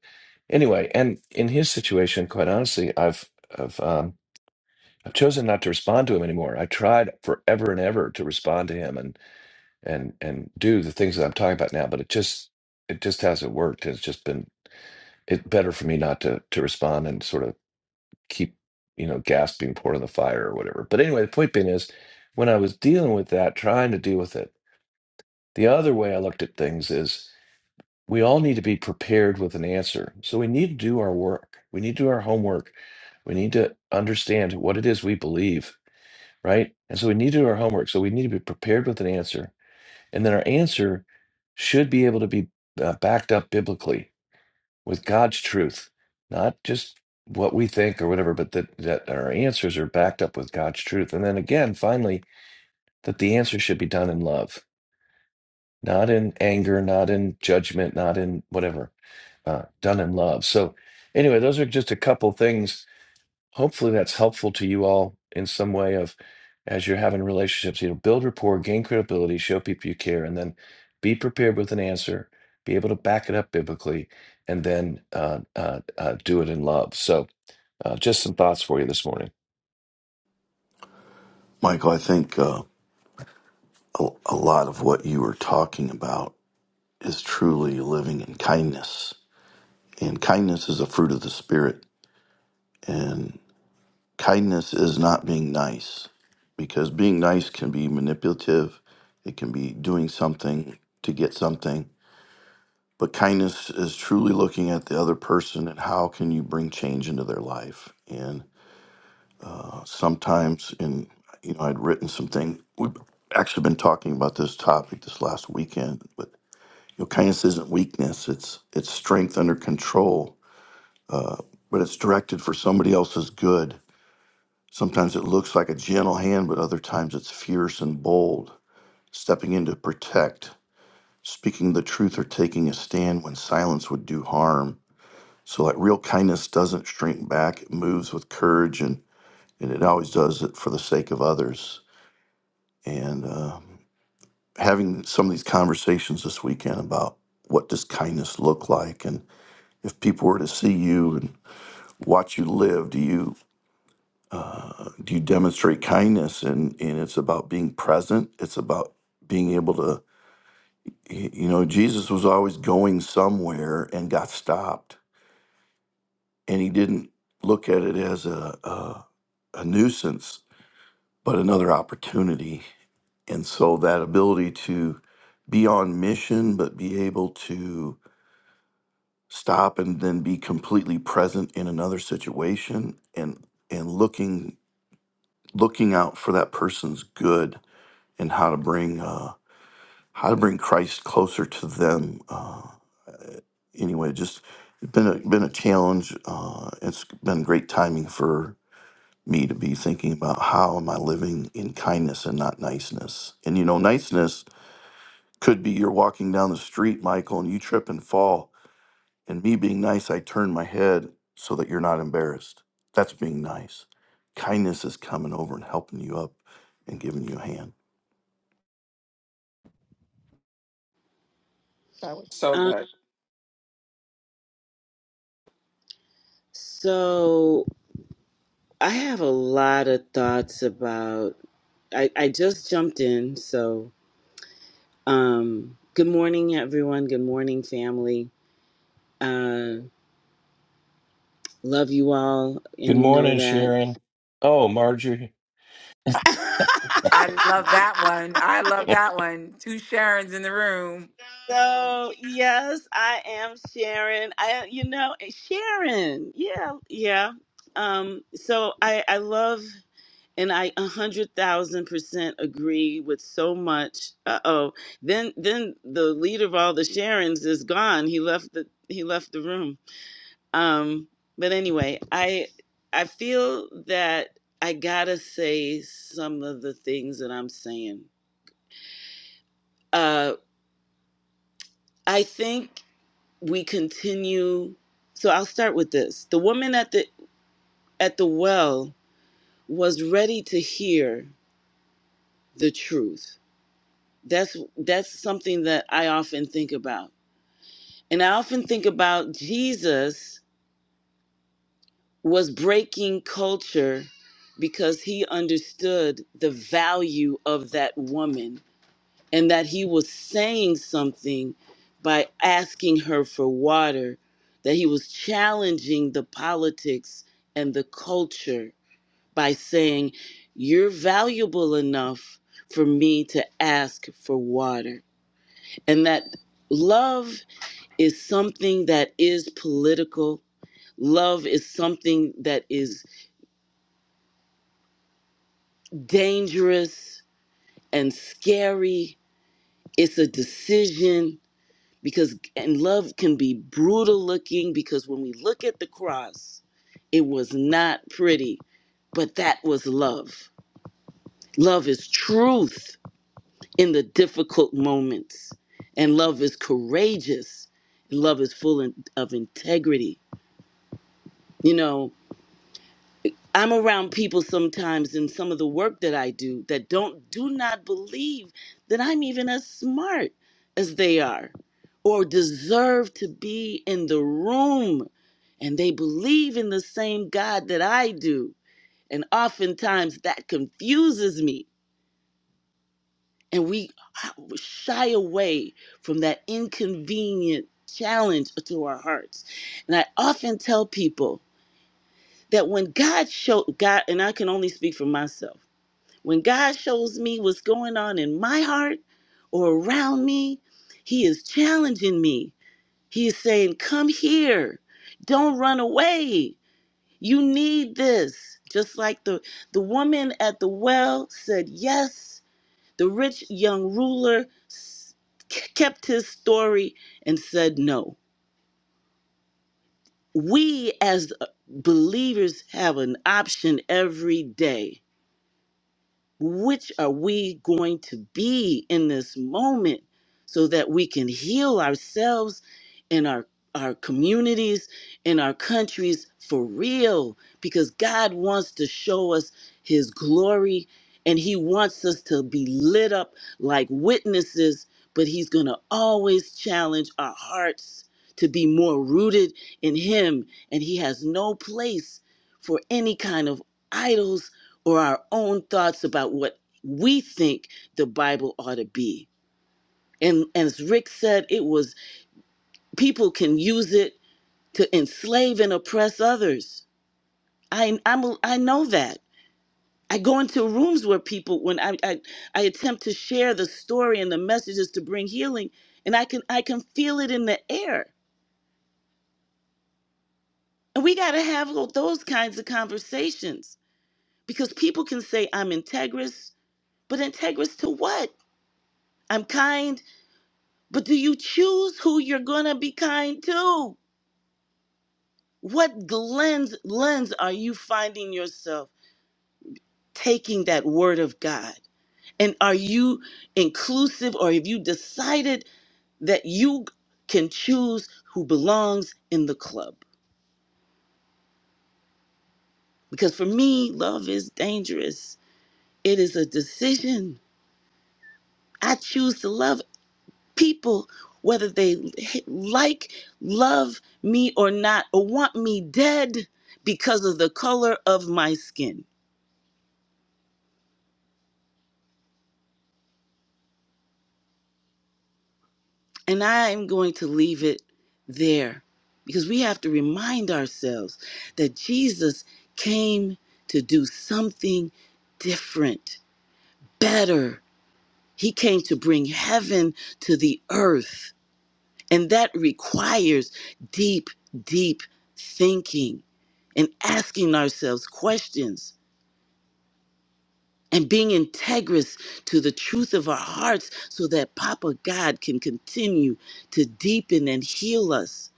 A: anyway, and in his situation, quite honestly, I've I've um, I've chosen not to respond to him anymore. I tried forever and ever to respond to him and and and do the things that I'm talking about now, but it just it just hasn't worked. It's just been it better for me not to to respond and sort of keep you know gasping, pouring the fire or whatever. But anyway, the point being is, when I was dealing with that, trying to deal with it, the other way I looked at things is we all need to be prepared with an answer. So we need to do our work. We need to do our homework. We need to understand what it is we believe right? And so we need to do our homework. So we need to be prepared with an answer. And then our answer should be able to be uh, backed up biblically with God's truth, not just what we think or whatever, but that, that our answers are backed up with God's truth. And then again, finally, that the answer should be done in love, not in anger, not in judgment, not in whatever, uh, done in love. So, anyway, those are just a couple things hopefully that's helpful to you all in some way of as you're having relationships you know build rapport gain credibility show people you care and then be prepared with an answer be able to back it up biblically and then uh, uh, uh, do it in love so uh, just some thoughts for you this morning
B: Michael, I think uh, a, a lot of what you were talking about is truly living in kindness. And kindness is a fruit of the Spirit. And kindness is not being nice, because being nice can be manipulative, it can be doing something to get something. But kindness is truly looking at the other person and how can you bring change into their life. And uh, sometimes, and you know, I'd written something. We've actually been talking about this topic this last weekend. But you know, kindness isn't weakness; it's it's strength under control. But it's directed for somebody else's good. Sometimes it looks like a gentle hand, but other times it's fierce and bold, stepping in to protect, speaking the truth, or taking a stand when silence would do harm So like real kindness doesn't shrink back; it moves with courage, and and it always does it for the sake of others. And uh, having some of these conversations this weekend about what does kindness look like, and if people were to see you and watch you live, do you uh, do you demonstrate kindness? And and it's about being present. It's about being able to, y- you know, Jesus was always going somewhere and got stopped, and he didn't look at it as a, a a nuisance but another opportunity. And so that ability to be on mission, but be able to stop and then be completely present in another situation and and looking looking out for that person's good and how to bring uh, how to bring Christ closer to them. Uh, anyway, just it's been a been a challenge. Uh, it's been great timing for me to be thinking about how am I living in kindness and not niceness. And you know, niceness Could be you're walking down the street, Michael, and you trip and fall. And me being nice, I turn my head so that you're not embarrassed. That's being nice. Kindness is coming over and helping you up and giving you a hand.
F: That was so
G: Um,
F: good.
G: so I have a lot of thoughts about. I, I just jumped in, so um, good morning, everyone. Good morning, family. Uh, love you all, and
A: good
G: you know
A: morning
G: that.
A: sharon oh marjorie
F: I love that one. I love that one. Two Sharons in the room.
G: so yes, I am Sharon. I, you know, Sharon. Yeah, yeah. Um, so I, I love. and I a hundred thousand percent agree with so much. Uh oh. Then then the leader of all the Sharons is gone. He left the he left the room. Um, but anyway, I I feel that I gotta say some of the things that I'm saying. Uh, I think we continue. So I'll start with this. The woman at the at the well was ready to hear the truth That's that's something that I often think about. And I often think about Jesus was breaking culture because he understood the value of that woman and that he was saying something by asking her for water that he was challenging the politics and the culture by saying you're valuable enough for me to ask for water and that love is something that is political. Love is something that is dangerous and scary. It's a decision because, and love can be brutal looking because when we look at the cross, it was not pretty, but that was love. Love is truth in the difficult moments, and love is courageous, and love is full in- of integrity. You know, I'm around people sometimes in some of the work that I do that don't do not believe that I'm even as smart as they are or deserve to be in the room and they believe in the same God that I do and oftentimes that confuses me and we shy away from that inconvenient challenge to our hearts and I often tell people that when God showed God and I can only speak for myself When God shows me what's going on in my heart or around me, He is challenging me. He is saying, Come here. Don't run away. You need this. Just like the, the woman at the well said, Yes. The rich young ruler s- kept his story and said, No. We as uh, believers have an option every day Which are we going to be in this moment so that we can heal ourselves and our our communities and our countries for real because God wants to show us his glory and he wants us to be lit up like witnesses but he's going to always challenge our hearts to be more rooted in him and he has no place for any kind of idols or our own thoughts about what we think the Bible ought to be. And, as Rick said, it was people can use it to enslave and oppress others. I I'm, a- i am I know that. I go into rooms where people when I, I I attempt to share the story and the messages to bring healing, and I can I can feel it in the air. And we got to have those kinds of conversations because people can say I'm integrous, but integrous to what? I'm kind. But do you choose who you're going to be kind to? What lens lens are you finding yourself taking that word of God? And are you inclusive or have you decided that you can choose who belongs in the club? Because for me, love is dangerous. It is a decision. I choose to love people, whether they like, love me or not, or want me dead because of the color of my skin. And I am going to leave it there because we have to remind ourselves that Jesus came to do something different, better. He came to bring heaven to the earth. And that requires deep, deep thinking and asking ourselves questions and being integrous to the truth of our hearts so that Papa God can continue to deepen and heal us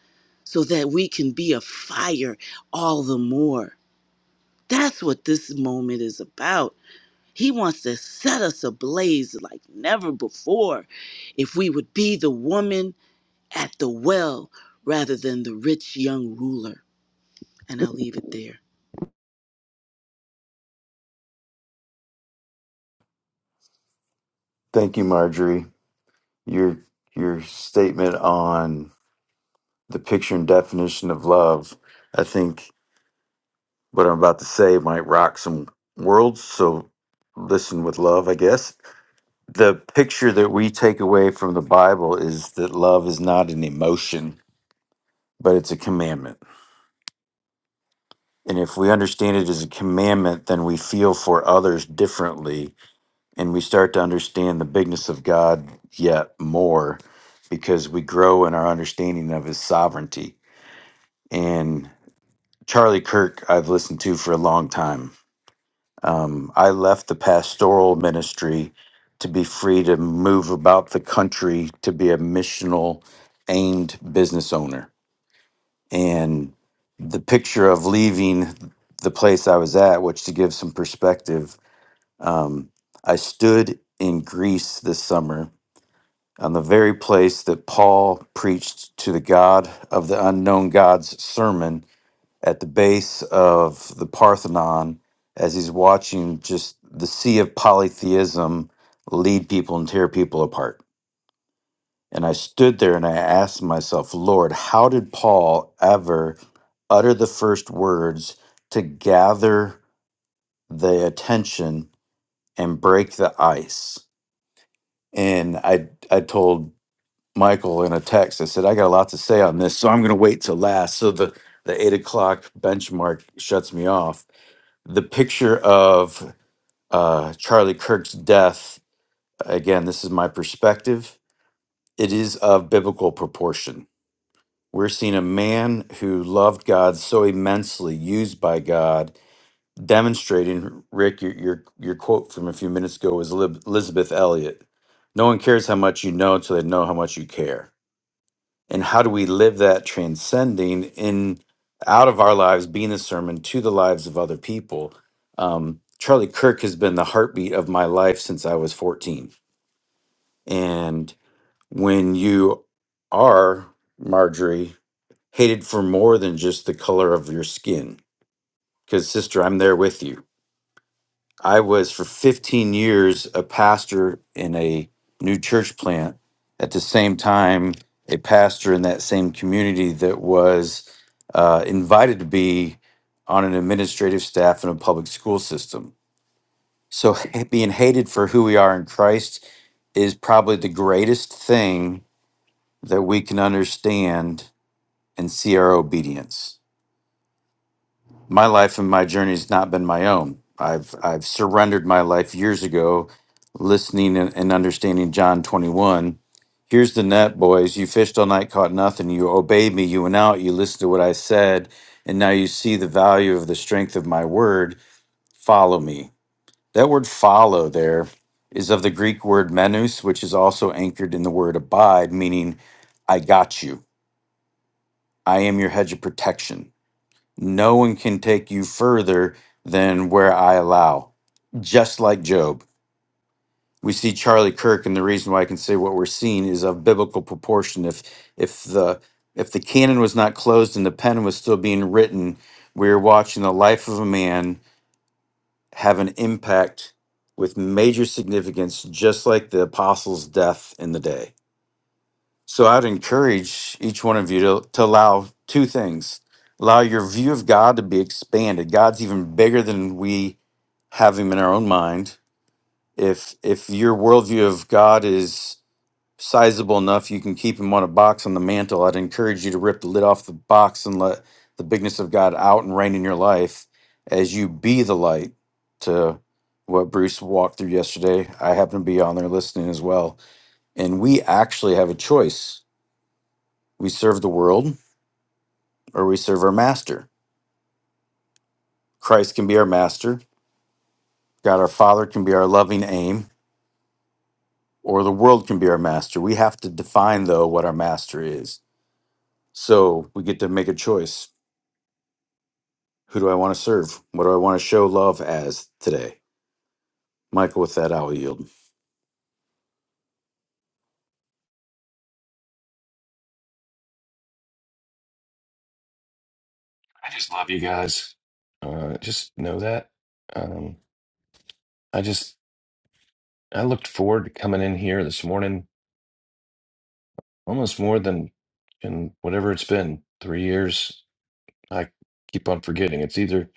G: so that we can be a fire all the more. That's what this moment is about. He wants to set us ablaze like never before. If we would be the woman at the well rather than the rich young ruler. And I'll leave it there.
H: Thank you, Marjorie. Your your statement on the picture and definition of love, I think what I'm about to say might rock some worlds, so listen with love, I guess. The picture that we take away from the Bible is that love is not an emotion, but it's a commandment. And if we understand it as a commandment, then we feel for others differently and we start to understand the bigness of God yet more because we grow in our understanding of his sovereignty. And Charlie Kirk, I've listened to for a long time. Um, I left the pastoral ministry to be free to move about the country to be a missional aimed business owner. And the picture of leaving the place I was at, which to give some perspective, um, I stood in Greece this summer on the very place that Paul preached to the God of the unknown God's sermon at the base of the Parthenon as he's watching just the sea of polytheism lead people and tear people apart. And I stood there and I asked myself, Lord, how did Paul ever utter the first words to gather the attention and break the ice? And I, I told Michael in a text. I said, I got a lot to say on this, so I'm going to wait till last. So the, the eight o'clock benchmark shuts me off. The picture of uh, Charlie Kirk's death, again, this is my perspective, it is of biblical proportion. We're seeing a man who loved God so immensely, used by God, demonstrating, Rick, your, your, your quote from a few minutes ago was Elib- Elizabeth Elliot. No one cares how much you know until they know how much you care and how do we live that transcending in out of our lives being a sermon to the lives of other people um, charlie kirk has been the heartbeat of my life since i was 14 and when you are marjorie hated for more than just the color of your skin because sister i'm there with you I was for 15 years a pastor in a new church plant. At the same time, a pastor in that same community that was uh, invited to be on an administrative staff in a public school system. So being hated for who we are in Christ is probably the greatest thing that we can understand and see our obedience. my life and my journey's not been my own. I've I've surrendered my life years ago, listening and, and understanding John 21. Here's the net, boys. You fished all night, caught nothing. You obeyed me. You went out. You listened to what I said, and now you see the value of the strength of my word. Follow me. That word "follow" there is of the Greek word "menus," which is also anchored in the word "abide," meaning "I got you. I am your hedge of protection." No one can take you further than where I allow. Just like Job. We see Charlie Kirk, and the reason why I can say what we're seeing is of biblical proportion. If if the if the canon was not closed and the pen was still being written, we are watching the life of a man have an impact with major significance, just like the apostles' death in the day. So I'd encourage each one of you to, to allow two things. Allow your view of God to be expanded. God's even bigger than we have him in our own mind. If if your worldview of God is sizable enough, you can keep him on a box on the mantle. I'd encourage you to rip the lid off the box and let the bigness of God out and reign in your life as you be the light to what Bruce walked through yesterday. I happen to be on there listening as well. And we actually have a choice we serve the world or we serve our master. Christ can be our master. God our Father can be our loving aim, or the world can be our master. We have to define, though, what our master is. So we get to make a choice. Who do I want to serve? What do I want to show love as today? Michael, with that, I will yield.
A: i just love you guys uh, just know that um, i just i looked forward to coming in here this morning almost more than in whatever it's been three years I keep on forgetting. It's either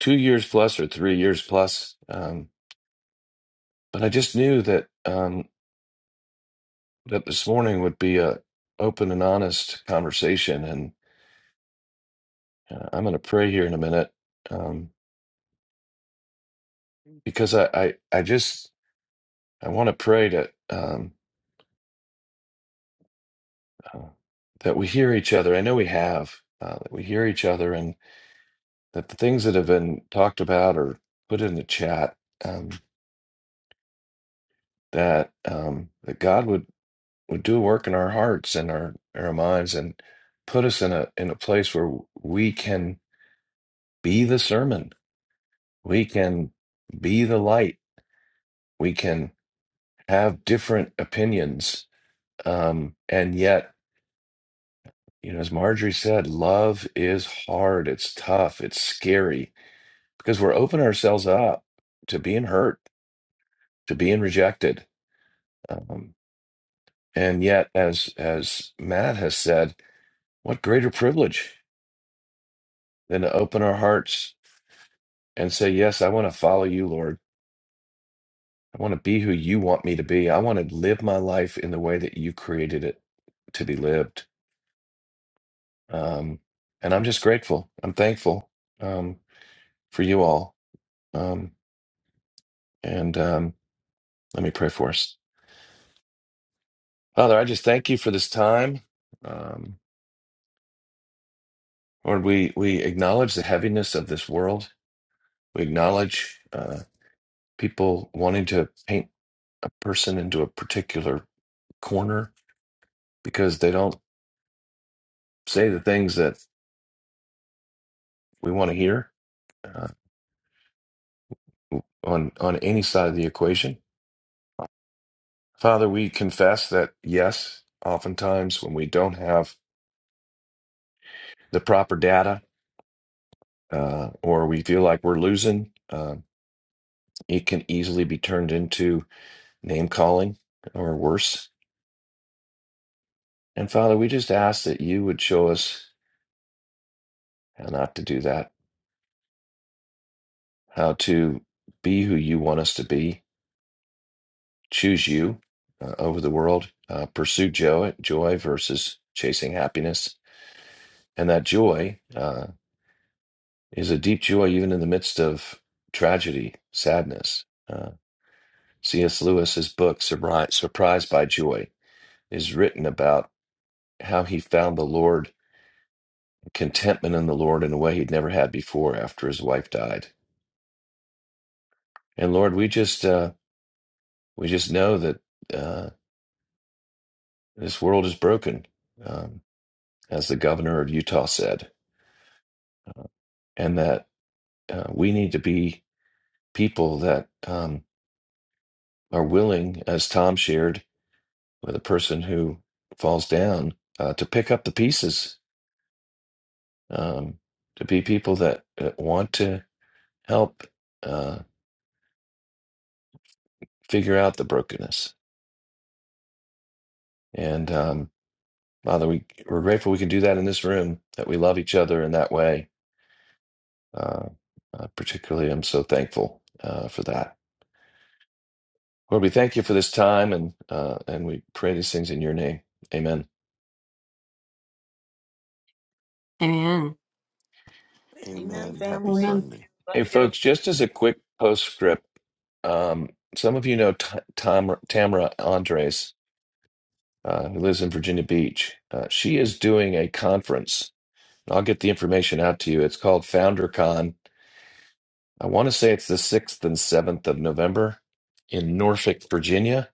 A: two years plus or three years plus. Um, but I just knew that um, that this morning would be a open and honest conversation, and uh, I'm going to pray here in a minute um, because I, I I just I want to pray that um, uh, that we hear each other. I know we have uh, that we hear each other, and that the things that have been talked about or put in the chat um, that um, that God would would do a work in our hearts and our, our minds and put us in a in a place where we can be the sermon we can be the light we can have different opinions um and yet you know as marjorie said love is hard it's tough it's scary because we're opening ourselves up to being hurt to being rejected um and yet as as matt has said what greater privilege than to open our hearts and say, Yes, I want to follow you, Lord. I want to be who you want me to be. I want to live my life in the way that you created it to be lived. Um, and I'm just grateful. I'm thankful um, for you all. Um, and um, let me pray for us. Father, I just thank you for this time. Um, Lord, we, we acknowledge the heaviness of this world. We acknowledge uh, people wanting to paint a person into a particular corner because they don't say the things that we want to hear uh, on on any side of the equation. Father, we confess that yes, oftentimes when we don't have the proper data uh, or we feel like we're losing, uh, it can easily be turned into name calling or worse. And Father, we just ask that you would show us how not to do that, how to be who you want us to be, choose you uh, over the world, uh, pursue joy, joy versus chasing happiness and that joy. Uh, is a deep joy even in the midst of tragedy, sadness. Uh, C.S. Lewis's book, Surri- Surprised by Joy, is written about how he found the Lord, contentment in the Lord in a way he'd never had before after his wife died. And Lord, we just uh, we just know that uh, this world is broken, um, as the governor of Utah said, and that uh, we need to be people that um, are willing, as Tom shared, with a person who falls down uh, to pick up the pieces, um, to be people that uh, want to help uh, figure out the brokenness. And um, Father, we, we're grateful we can do that in this room, that we love each other in that way. Uh, uh, particularly, I'm so thankful uh, for that. Lord, we thank you for this time and, uh, and we pray these things in your name. Amen.
D: Amen.
G: Amen,
B: Amen. Happy
G: family.
I: Amen.
B: Sunday.
G: Love
A: Hey,
G: you.
A: folks, just as a quick postscript, um, some of you know T- Tom, Tamara Andres. uh, who lives in Virginia Beach. Uh, she is doing a conference. I'll get the information out to you. It's called FounderCon. I want to say it's the 6th and 7th of November in Norfolk, Virginia.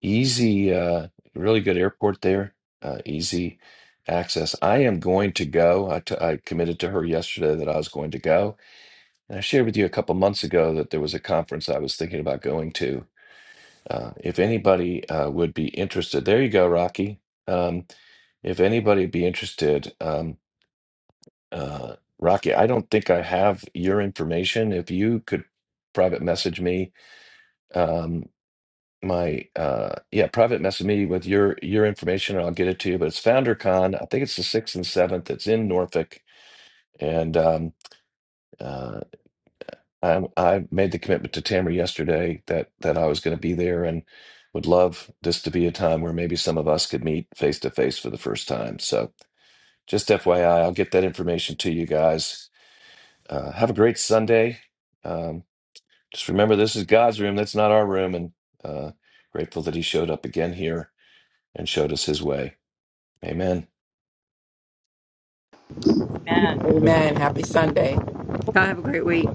A: Easy, uh, really good airport there, uh, easy access. I am going to go. I, t- I committed to her yesterday that I was going to go. And I shared with you a couple months ago that there was a conference I was thinking about going to Uh, if anybody uh, would be interested, there you go, Rocky. Um, if anybody would be interested, um, uh, Rocky, I don't think I have your information. If you could private message me, um, my uh, yeah, private message me with your your information, and I'll get it to you. But it's FounderCon. I think it's the sixth and seventh. It's in Norfolk, and um, uh, I, I made the commitment to Tamara yesterday that that I was going to be there and would love this to be a time where maybe some of us could meet face to face for the first time. So, just FYI, I'll get that information to you guys. Uh, have a great Sunday. Um, just remember, this is God's room. That's not our room. And uh, grateful that He showed up again here and showed us His way. Amen.
G: Amen.
F: Amen. Happy Sunday.
D: Y'all have a great week.